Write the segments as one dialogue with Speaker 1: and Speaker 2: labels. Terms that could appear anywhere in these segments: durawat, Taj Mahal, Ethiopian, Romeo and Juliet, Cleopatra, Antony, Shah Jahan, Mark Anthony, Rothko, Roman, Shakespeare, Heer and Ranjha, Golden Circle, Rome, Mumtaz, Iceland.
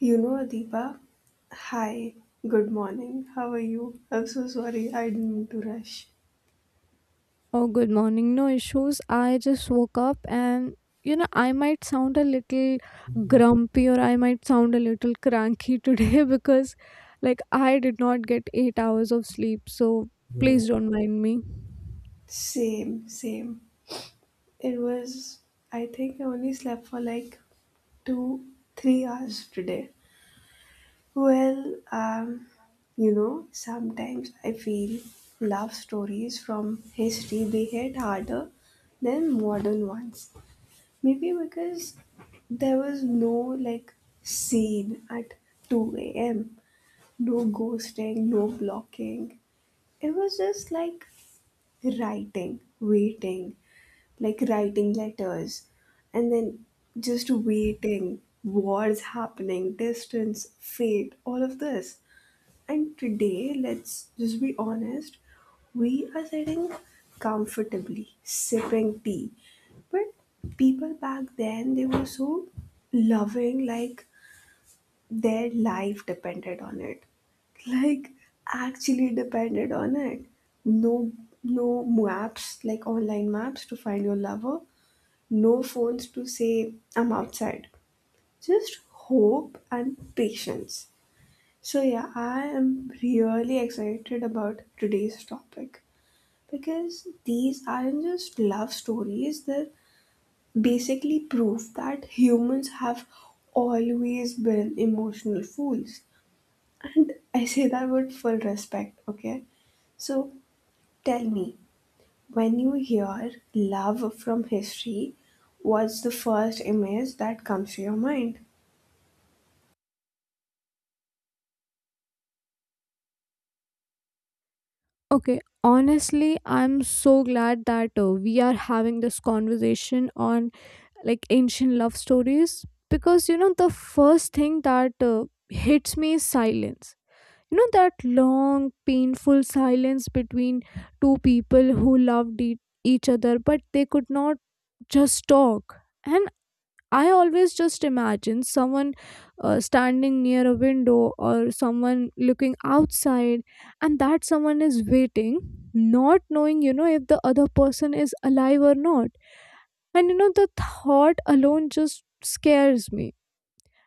Speaker 1: You know, Adiba, hi, good morning. How are you? I'm so sorry, I didn't mean to rush.
Speaker 2: Oh, good morning. No issues. I just woke up and I might sound a little grumpy or I might sound a little cranky today because I did not get 8 hours of sleep. So please
Speaker 1: No.
Speaker 2: don't mind me.
Speaker 1: Same, same. It was, I think I only slept for like 2, 3 hours today. Well, sometimes I feel love stories from history they hit harder than modern ones. Maybe because there was no like scene at 2 a.m. No ghosting, no blocking. It was just like writing, waiting, like writing letters, and then just waiting, wars happening, distance, fate, all of this. And today, let's just be honest, we are sitting comfortably, sipping tea. But people back then, they were so loving, like their life depended on it, like actually depended on it. No no maps, like online maps to find your lover, no phones to say I'm outside, just hope and patience. So yeah, I am really excited about today's topic because these aren't just love stories, they are basically proof that humans have always been emotional fools. And I say that with full respect, okay? So tell me, when you hear love from history, what's the first image that comes to your mind?
Speaker 2: Okay, honestly, I'm so glad that we are having this conversation on like ancient love stories because the first thing that hits me is silence. That long painful silence between two people who loved each other but they could not just talk. And I always just imagine someone standing near a window, or someone looking outside, and that someone is waiting, not knowing if the other person is alive or not. And the thought alone just scares me,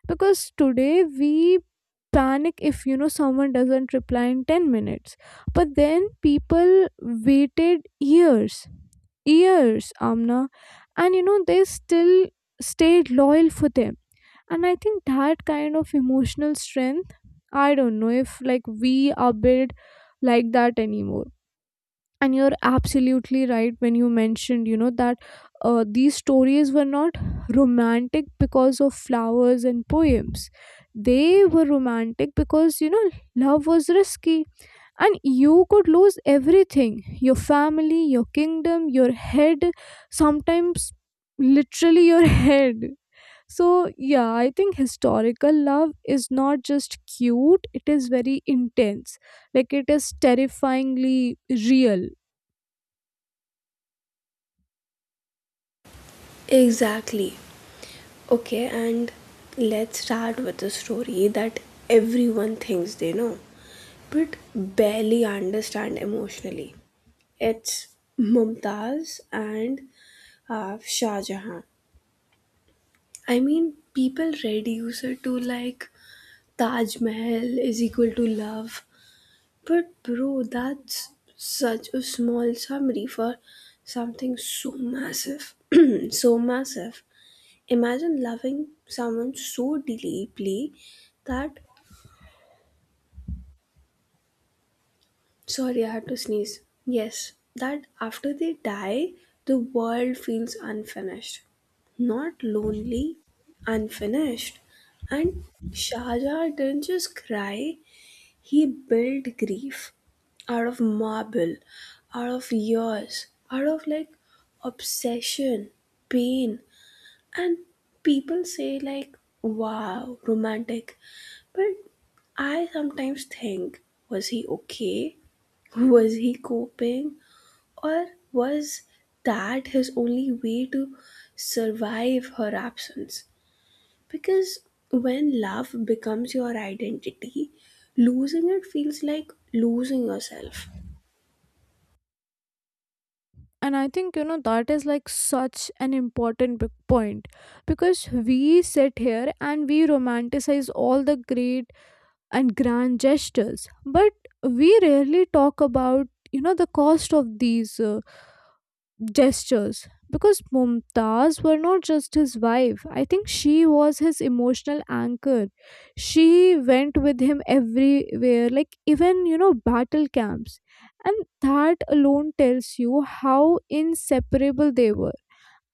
Speaker 2: because today we panic if someone doesn't reply in 10 minutes, but then people waited years. Years, Amna. And they still stayed loyal for them. And I think that kind of emotional strength, I don't know if like we are built like that anymore. And you're absolutely right when you mentioned that these stories were not romantic because of flowers and poems. They were romantic because love was risky, and you could lose everything: your family, your kingdom, your head. Sometimes literally your head. So yeah, I think historical love is not just cute, it is very intense. Like it is terrifyingly real.
Speaker 1: Exactly. Okay, and let's start with a story that everyone thinks they know, but barely understand emotionally. It's Mumtaz and Shah Jahan. I mean, people reduce it to like Taj Mahal is equal to love, but bro, that's such a small summary for something so massive. So massive. Imagine loving someone so deeply that, sorry, I had to sneeze. Yes, that after they die, the world feels unfinished. Not lonely, unfinished. And Shaja didn't just cry, he built grief out of marble, out of years, out of like obsession, pain. And people say, like, wow, romantic. But I sometimes think, was he okay? Was he coping? Or was that his only way to survive her absence? Because when love becomes your identity, losing it feels like losing yourself.
Speaker 2: And I think that is like such an important point, because we sit here and we romanticize all the great and grand gestures, but we rarely talk about the cost of these gestures. Because Mumtaz were not just his wife, I think she was his emotional anchor. She went with him everywhere, like even battle camps, and that alone tells you how inseparable they were.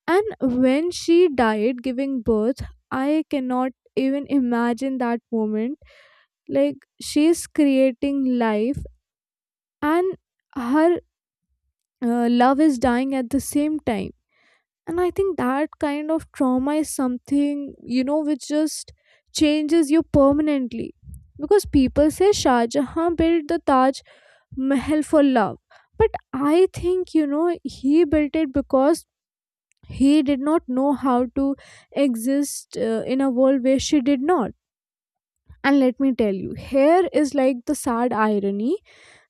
Speaker 2: And when she died giving birth, I cannot even imagine that moment. Like, she's creating life, and her love is dying at the same time. And I think that kind of trauma is something which just changes you permanently. Because people say Shah Jahan built the Taj Mahal for love, but I think he built it because he did not know how to exist in a world where she did not. And let me tell you, here is like the sad irony: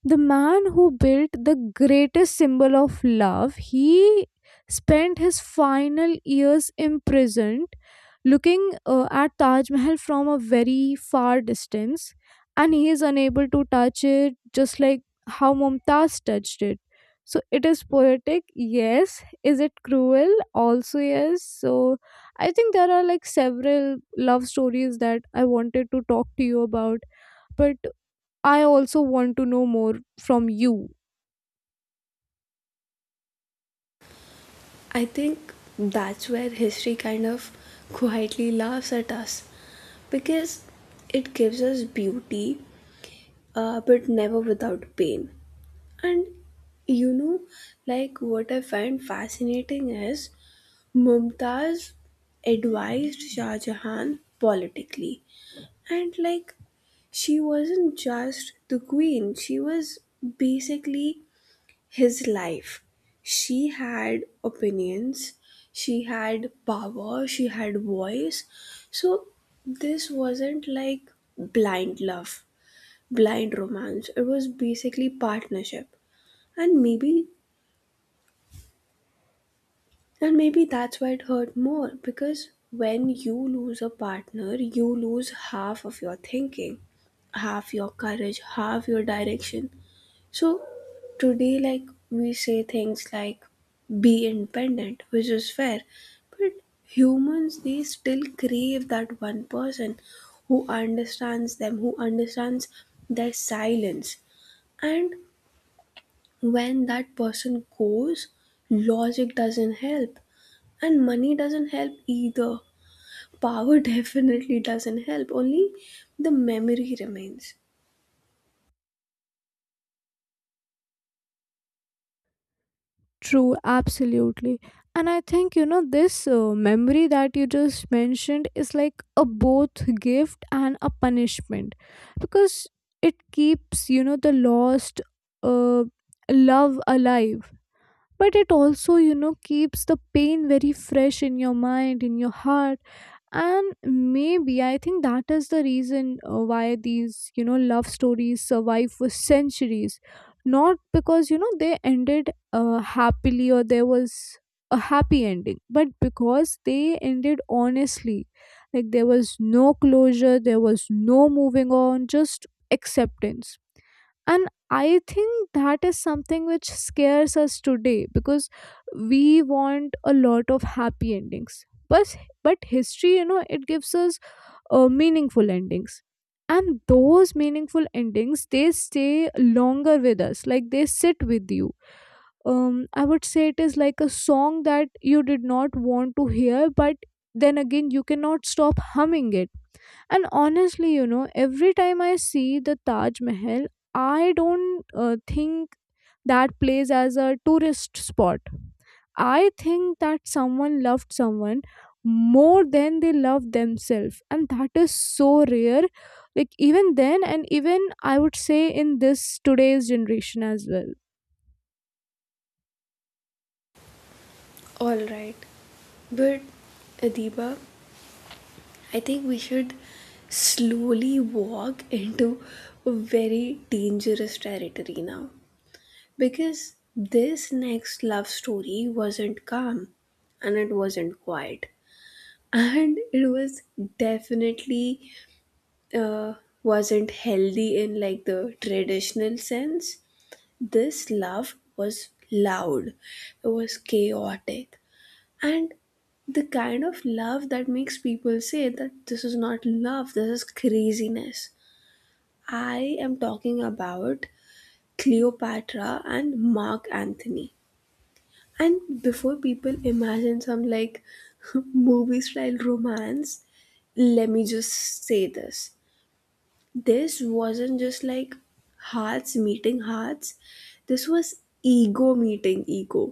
Speaker 2: the man who built the greatest symbol of love, he spent his final years imprisoned, looking at Taj Mahal from a very far distance, and he is unable to touch it just like how Mumtaz touched it. So it is poetic? Yes. Is it cruel? Also yes. So I think there are like several love stories that I wanted to talk to you about, but I also want to know more from you.
Speaker 1: I think that's where history kind of quietly laughs at us because it gives us beauty, but never without pain. And you know, like what I find fascinating is Mumtaz advised Shah Jahan politically, and like she wasn't just the queen, she was basically his life. She had opinions, she had power, she had voice. So this wasn't like blind love, blind romance, it was basically partnership. And maybe and maybe that's why it hurt more, because when you lose a partner you lose half of your thinking, half your courage, half your direction. So today, like we say things like be independent, which is fair, but humans they still crave that one person who understands them, who understands their silence. And when that person goes, logic doesn't help, and money doesn't help either. Power definitely doesn't help, only the memory remains.
Speaker 2: True, absolutely. And I think, you know, this memory that you just mentioned is like a both gift and a punishment, because it keeps, you know, the lost uh, love alive. But it also, you know, keeps the pain very fresh in your mind, in your heart. And maybe I think that is the reason why these, you know, love stories survive for centuries. Not because you know they ended happily or there was a happy ending, but because they ended honestly. Like there was no closure, there was no moving on, just acceptance. And I think that is something which scares us today, because we want a lot of happy endings. But but history, you know, it gives us meaningful endings, and those meaningful endings, they stay longer with us. Like they sit with you. I would say it is like a song that you did not want to hear, but then again you cannot stop humming it. And honestly, you know, every time I see the Taj Mahal, I don't think that place as a tourist spot. I think that someone loved someone more than they love themselves, and that is so rare. Like even then, and even I would say in this today's generation as well.
Speaker 1: Alright, but Adiba, I think we should slowly walk into very dangerous territory now because this next love story wasn't calm, and it wasn't quiet, and it was definitely uh, wasn't healthy in like the traditional sense. This love was loud, it was chaotic, and the kind of love that makes people say that this is not love, this is craziness. I am talking about Cleopatra and Mark Anthony. And before people imagine some like movie style romance, let me just say this, this wasn't just like hearts meeting hearts, this was ego meeting ego,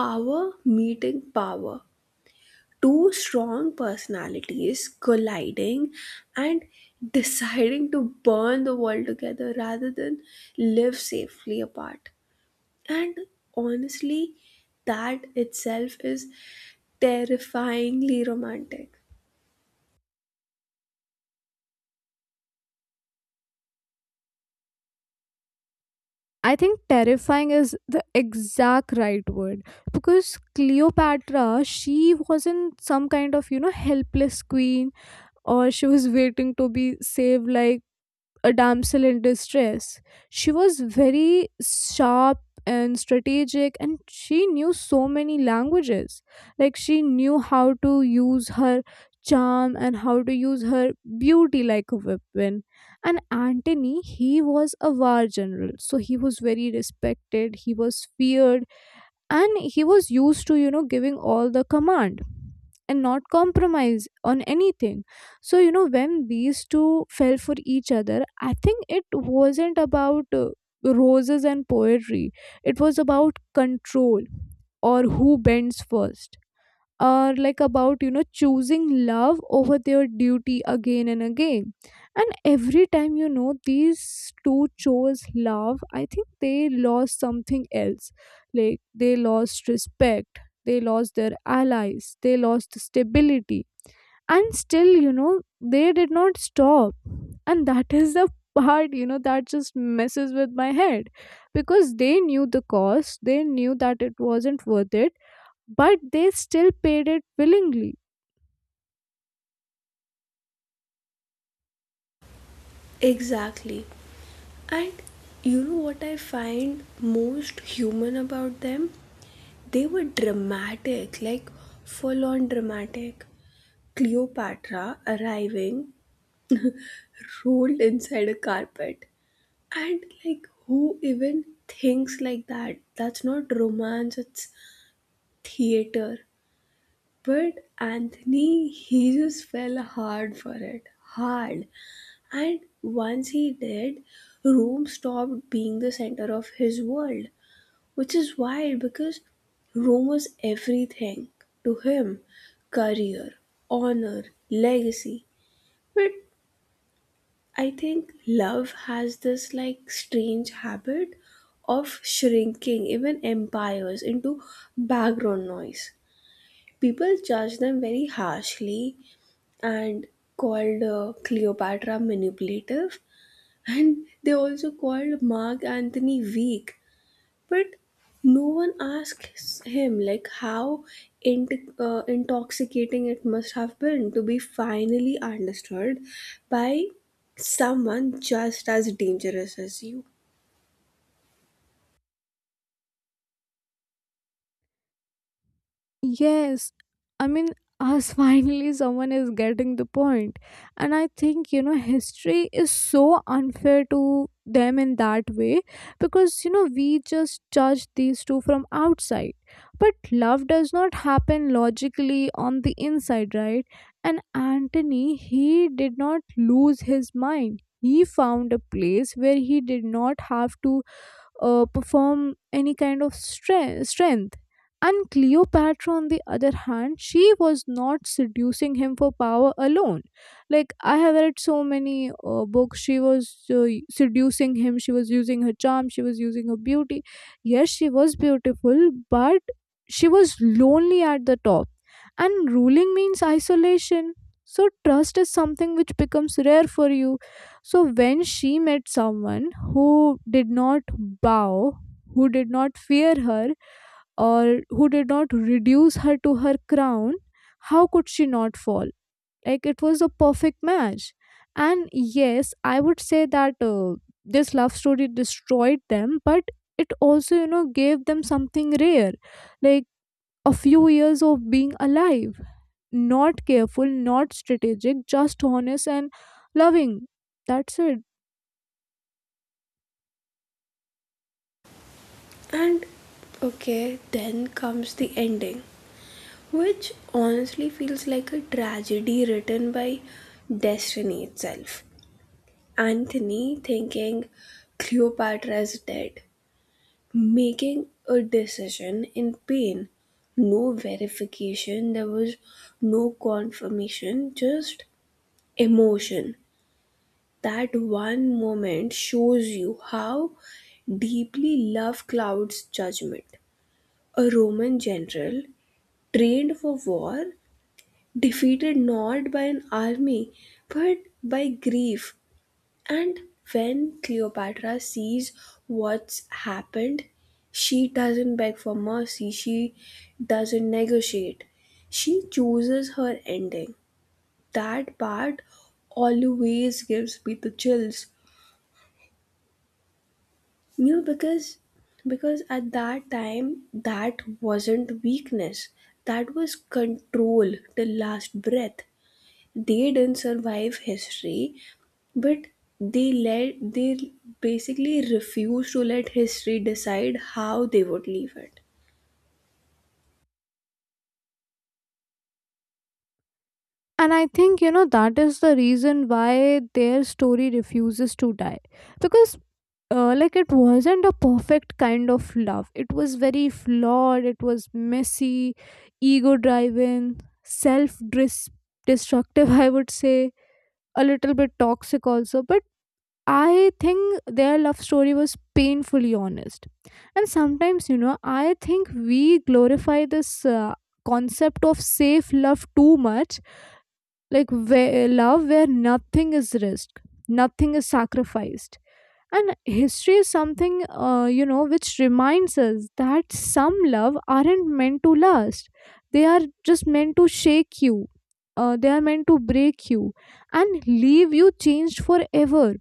Speaker 1: power meeting power, two strong personalities colliding and deciding to burn the world together rather than live safely apart. And honestly, that itself is terrifyingly romantic.
Speaker 2: I think terrifying is the exact right word, because Cleopatra, she wasn't some kind of, you know, helpless queen, or she was waiting to be saved like a damsel in distress. She was very sharp and strategic, and she knew so many languages. Like, she knew how to use her charm and how to use her beauty like a weapon. And Antony, he was a war general, so he was very respected, he was feared, and he was used to, you know, giving all the command and not compromise on anything. So you know, when these two fell for each other, I think it wasn't about roses and poetry, it was about control, or who bends first, or like about, you know, choosing love over their duty again and again. And every time, you know, these two chose love, I think they lost something else. Like they lost respect, they lost their allies, they lost stability. And still, you know, they did not stop. And that is the part, you know, that just messes with my head, because they knew the cost, they knew that it wasn't worth it, but they still paid it willingly.
Speaker 1: Exactly. And you know what I find most human about them? They were dramatic, like full on dramatic. Cleopatra arriving rolled inside a carpet. And like, who even thinks like that? That's not romance, it's theater. But Anthony, he just fell hard for it. Hard. And once he did, Rome stopped being the center of his world, which is wild because Rome was everything to him, career, honor, legacy. But I think love has this like strange habit of shrinking even empires into background noise. People judge them very harshly and called Cleopatra manipulative, and they also called Mark Anthony weak, but no one asks him like how intoxicating it must have been to be finally understood by someone just as dangerous as you.
Speaker 2: Yes, I mean, us finally, someone is getting the point. And I think, you know, history is so unfair to them in that way, because, you know, we just judge these two from outside. But love does not happen logically on the inside, right? And Antony, he did not lose his mind. He found a place where he did not have to perform any kind of strength. And Cleopatra, on the other hand, she was not seducing him for power alone. Like, I have read so many books, she was seducing him, she was using her charm, she was using her beauty. Yes, she was beautiful, but she was lonely at the top. And ruling means isolation. So, trust is something which becomes rare for you. So when she met someone who did not bow, who did not fear her, or who did not reduce her to her crown, how could she not fall? Like it was a perfect match. And yes, I would say that this love story destroyed them, but it also, you know, gave them something rare, like a few years of being alive, not careful, not strategic, just honest and loving. That's it.
Speaker 1: And okay, then comes the ending, which honestly feels like a tragedy written by destiny itself. Anthony thinking Cleopatra is dead, making a decision in pain. No verification, there was no confirmation, just emotion. That one moment shows you how deeply love clouds judgment. A Roman general trained for war, defeated not by an army but by grief. And when Cleopatra sees what's happened, she doesn't beg for mercy, she doesn't negotiate. She chooses her ending. That part always gives me the chills. You know, because at that time that wasn't weakness. That was control till last breath. They didn't survive history. But they basically refused to let history decide how they would leave it.
Speaker 2: And I think, you know, that is the reason why their story refuses to die. Because, like, it wasn't a perfect kind of love. It was very flawed, it was messy, ego driven, self destructive, I would say, a little bit toxic also. But I think their love story was painfully honest. And sometimes, you know, I think we glorify this concept of safe love too much. Like where, love where nothing is risked, nothing is sacrificed. And history is something, you know, which reminds us that some love aren't meant to last, they are just meant to shake you, they are meant to break you and leave you changed forever.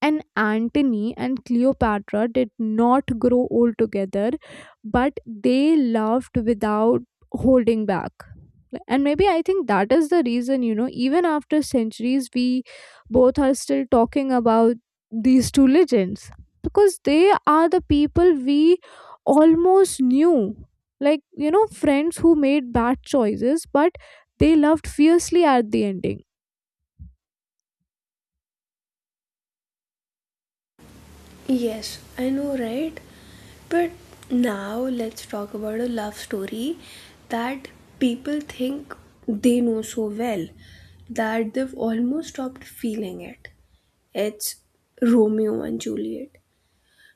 Speaker 2: And Antony and Cleopatra did not grow old together, but they loved without holding back. And maybe I think that is the reason, you know, even after centuries, we both are still talking about these two legends, because they are the people we almost knew. Like, you know, friends who made bad choices, but they loved fiercely at the ending.
Speaker 1: Yes, I know, right? But now let's talk about a love story that people think they know so well that they've almost stopped feeling it. It's Romeo and Juliet.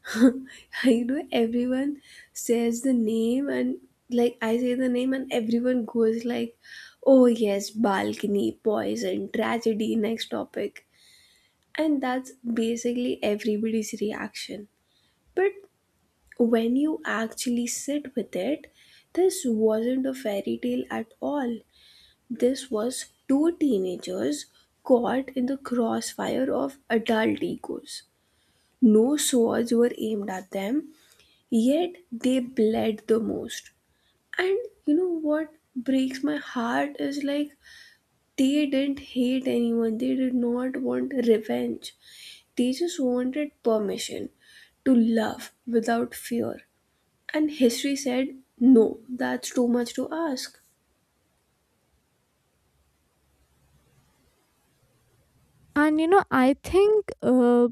Speaker 1: You know, everyone says the name, and like I say the name and everyone goes like, oh yes, balcony, poison, tragedy, next topic. And that's basically everybody's reaction. But when you actually sit with it, this wasn't a fairy tale at all. This was two teenagers caught in the crossfire of adult egos. No swords were aimed at them, yet they bled the most. And you know what breaks my heart is like they didn't hate anyone, they did not want revenge, they just wanted permission to love without fear. And history said no, that's too much to ask.
Speaker 2: And you know, I think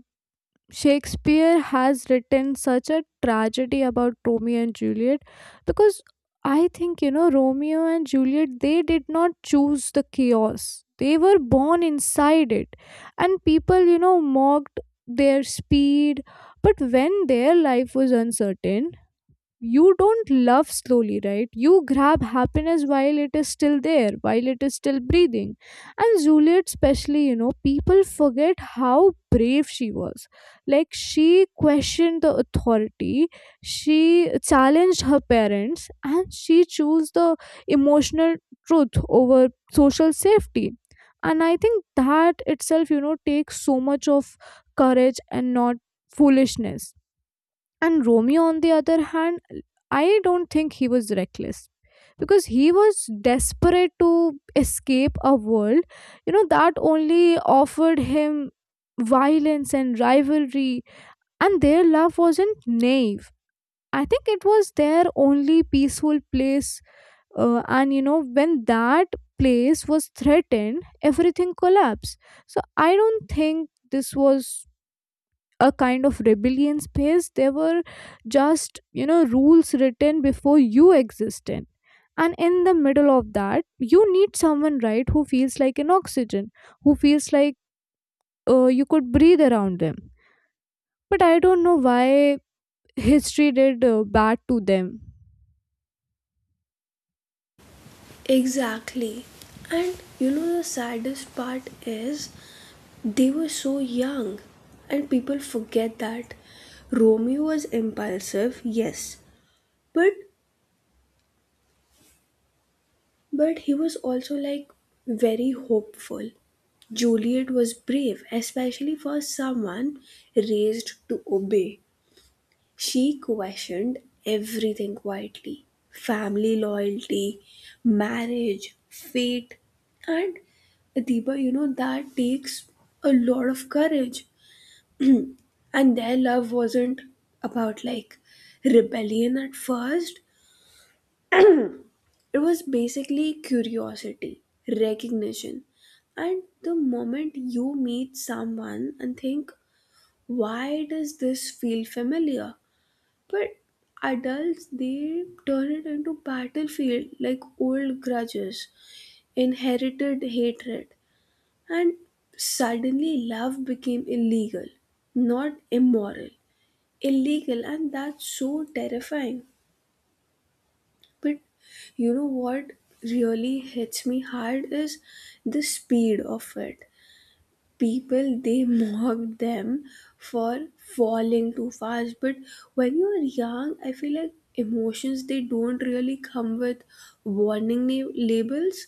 Speaker 2: Shakespeare has written such a tragedy about Romeo and Juliet, because I think, you know, Romeo and Juliet, they did not choose the chaos, they were born inside it. And people, you know, mocked their speed, but when their life was uncertain, you don't love slowly, right? You grab happiness while it is still there, while it is still breathing. And Juliet, especially, you know, people forget how brave she was. Like, she questioned the authority, she challenged her parents, and she chose the emotional truth over social safety. And I think that itself, you know, takes so much of courage and not foolishness. And Romeo, on the other hand, I don't think he was reckless, because he was desperate to escape a world, you know, that only offered him violence and rivalry. And their love wasn't naive. I think it was their only peaceful place, and you know, when that place was threatened, everything collapsed. So I don't think this was a kind of rebellion space, they were just, you know, rules written before you existed. And in the middle of that, you need someone, right, who feels like an oxygen, who feels like you could breathe around them. But I don't know why history did bad to them.
Speaker 1: Exactly. And you know the saddest part is they were so young, and people forget that Romeo was impulsive, yes, but But he was also like very hopeful. Juliet was brave, especially for someone raised to obey. She questioned everything quietly, family loyalty, marriage, fate. And Adiba, you know, that takes a lot of courage. And their love wasn't about like rebellion at first, it was basically curiosity, recognition. And the moment you meet someone and think, why does this feel familiar? But adults, they turn it into battlefield like old grudges, inherited hatred. And suddenly love became illegal, not immoral. Illegal, and that's so terrifying. But you know what really hits me hard is the speed of it. People they mock them for falling too fast, but when you're young, I feel like emotions they don't really come with warning labels,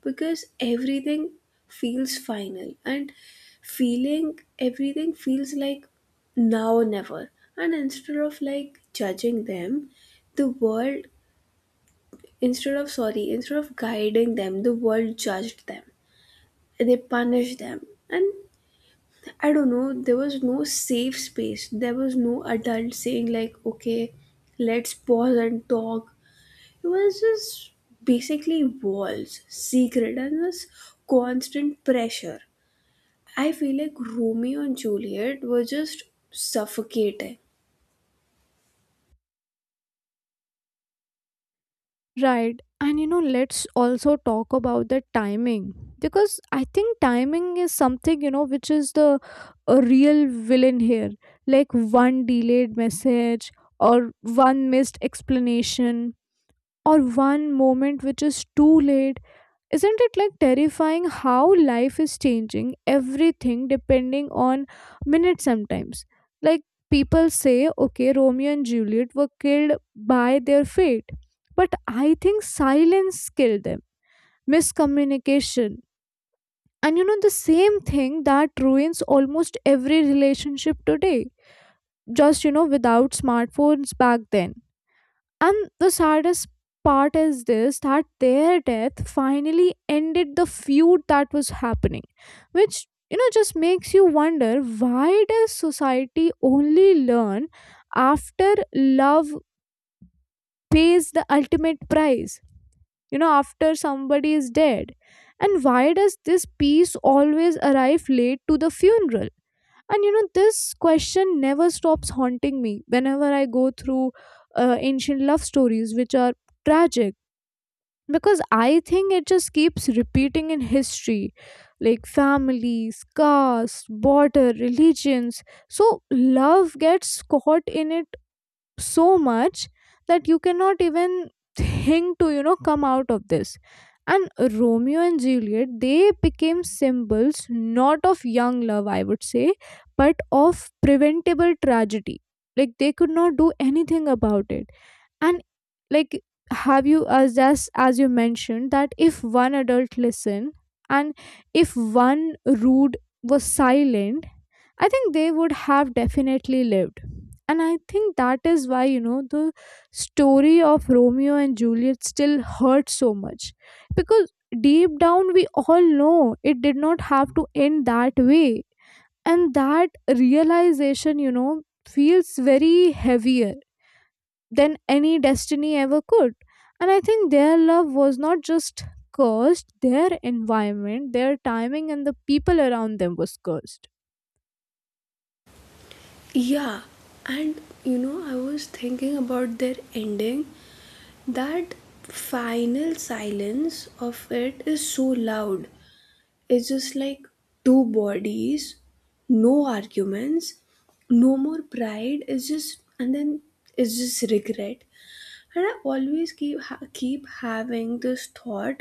Speaker 1: because everything feels final, and feeling everything feels like now or never. And instead of like judging them, the world, instead of, sorry, instead of guiding them, the world judged them. They punished them. And I don't know, there was no safe space. There was no adult saying like, okay, let's pause and talk. It was just basically walls, secret, and this constant pressure. I feel like Romeo and Juliet were just suffocating.
Speaker 2: Right. And you know, let's also talk about the timing because I think timing is something, you know, which is the a real villain here. Like one delayed message or one missed explanation or one moment which is too late, isn't it like terrifying how life is changing everything depending on minutes sometimes? Like people say, okay, Romeo and Juliet were killed by their fate, but I think silence killed them, miscommunication. And you know, the same thing that ruins almost every relationship today, just you know, without smartphones back then. And the saddest part is this, that their death finally ended the feud that was happening, which you know just makes you wonder, why does society only learn after love pays the ultimate price? You know, after somebody is dead. And why does this piece always arrive late to the funeral? And you know, this question never stops haunting me whenever I go through ancient love stories, which are tragic, because I think it just keeps repeating in history, like families, caste, border, religions. So love gets caught in it so much that you cannot even think to, you know, come out of this. And Romeo and Juliet, they became symbols not of young love, I would say, but of preventable tragedy. Like they could not do anything about it. And, like, have you, as you mentioned, that if one adult listened and if one rude was silent, I think they would have definitely lived. And I think that is why, you know, the story of Romeo and Juliet still hurts so much. Because deep down, we all know it did not have to end that way. And that realization, you know, feels very heavier than any destiny ever could. And I think their love was not just cursed, their environment, their timing, and the people around them was cursed.
Speaker 1: Yeah, and you know, I was thinking about their ending, that final silence of it is so loud, it's just like two bodies, no arguments, no more pride. It's just regret. And I always keep having this thought,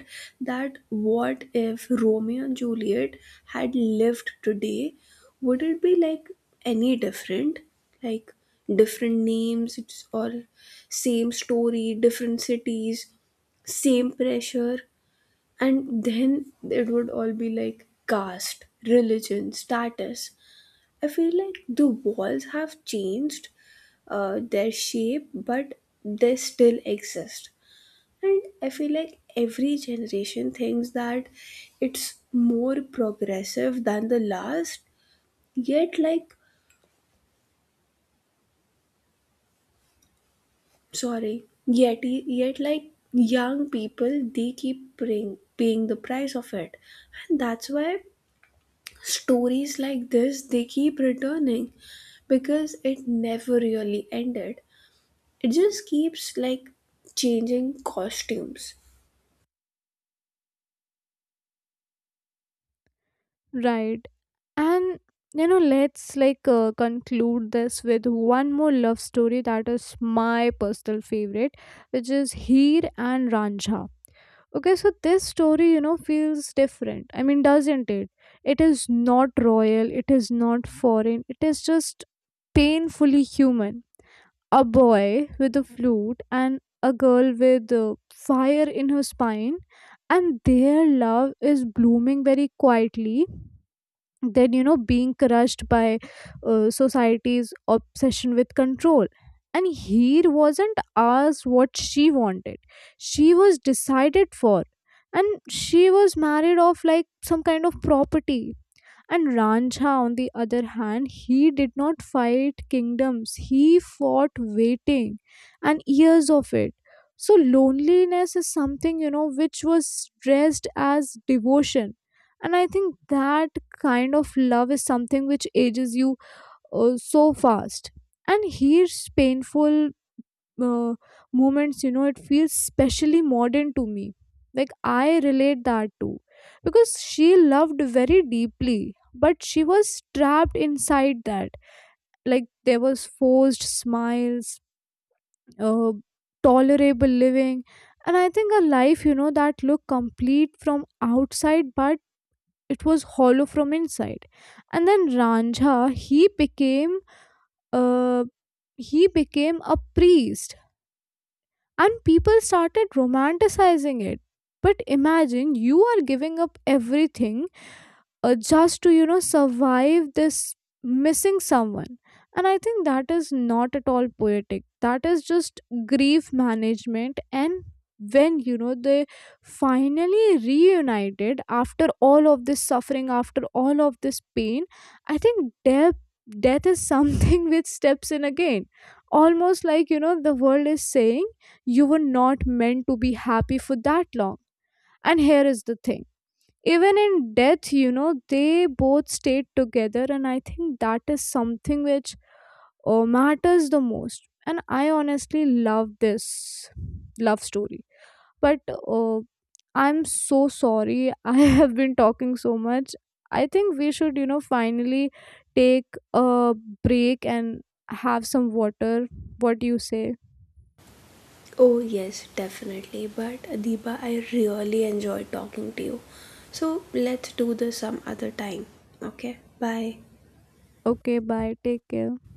Speaker 1: that what if Romeo and Juliet had lived today? Would it be like any different? Like, different names, it's or same story, different cities, same pressure, and then it would all be like caste, religion, status. I feel like the walls have changed their shape, but they still exist. And I feel like every generation thinks that it's more progressive than the last, yet, like, sorry, yet, like, young people they keep paying the price of it. And that's why stories like this they keep returning, because it never really ended, it just keeps like changing costumes.
Speaker 2: Right. And you know, let's like conclude this with one more love story that is my personal favorite, which is Heer and Ranjha. Okay, so this story, you know, feels different. I mean, doesn't it? It is not royal, it is not foreign, it is just painfully human. A boy with a flute and a girl with fire in her spine, and their love is blooming very quietly, then you know being crushed by society's obsession with control. And here wasn't asked what she wanted, she was decided for, and she was married off like some kind of property. And Ranjha, on the other hand, he did not fight kingdoms, he fought waiting, and years of it. So, loneliness is something, you know, which was dressed as devotion. And I think that kind of love is something which ages you so fast. And here's painful uh, moments, you know, it feels specially modern to me, like I relate that too, because she loved very deeply but she was trapped inside that. Like there was forced smiles, uh, tolerable living, and I think a life, you know, that looked complete from outside but it was hollow from inside. And then Ranjha, uh, he became a priest and people started romanticizing it. But imagine you are giving up everything, just to, you know, survive this, missing someone. And I think that is not at all poetic, that is just grief management. And when, you know, they finally reunited after all of this suffering, after all of this pain, I think death, death is something which steps in again, almost like, you know, the world is saying, you were not meant to be happy for that long. And here is the thing, even in death, you know, they both stayed together, and I think that is something which matters the most. And I honestly love this love story, but uh, I'm so sorry, I have been talking so much. I think we should, you know, finally take a break and have some water. What do you say?
Speaker 1: Oh yes, definitely, but Adiba, I really enjoyed talking to you, so let's do this some other time. Okay, bye.
Speaker 2: Okay, bye, take care.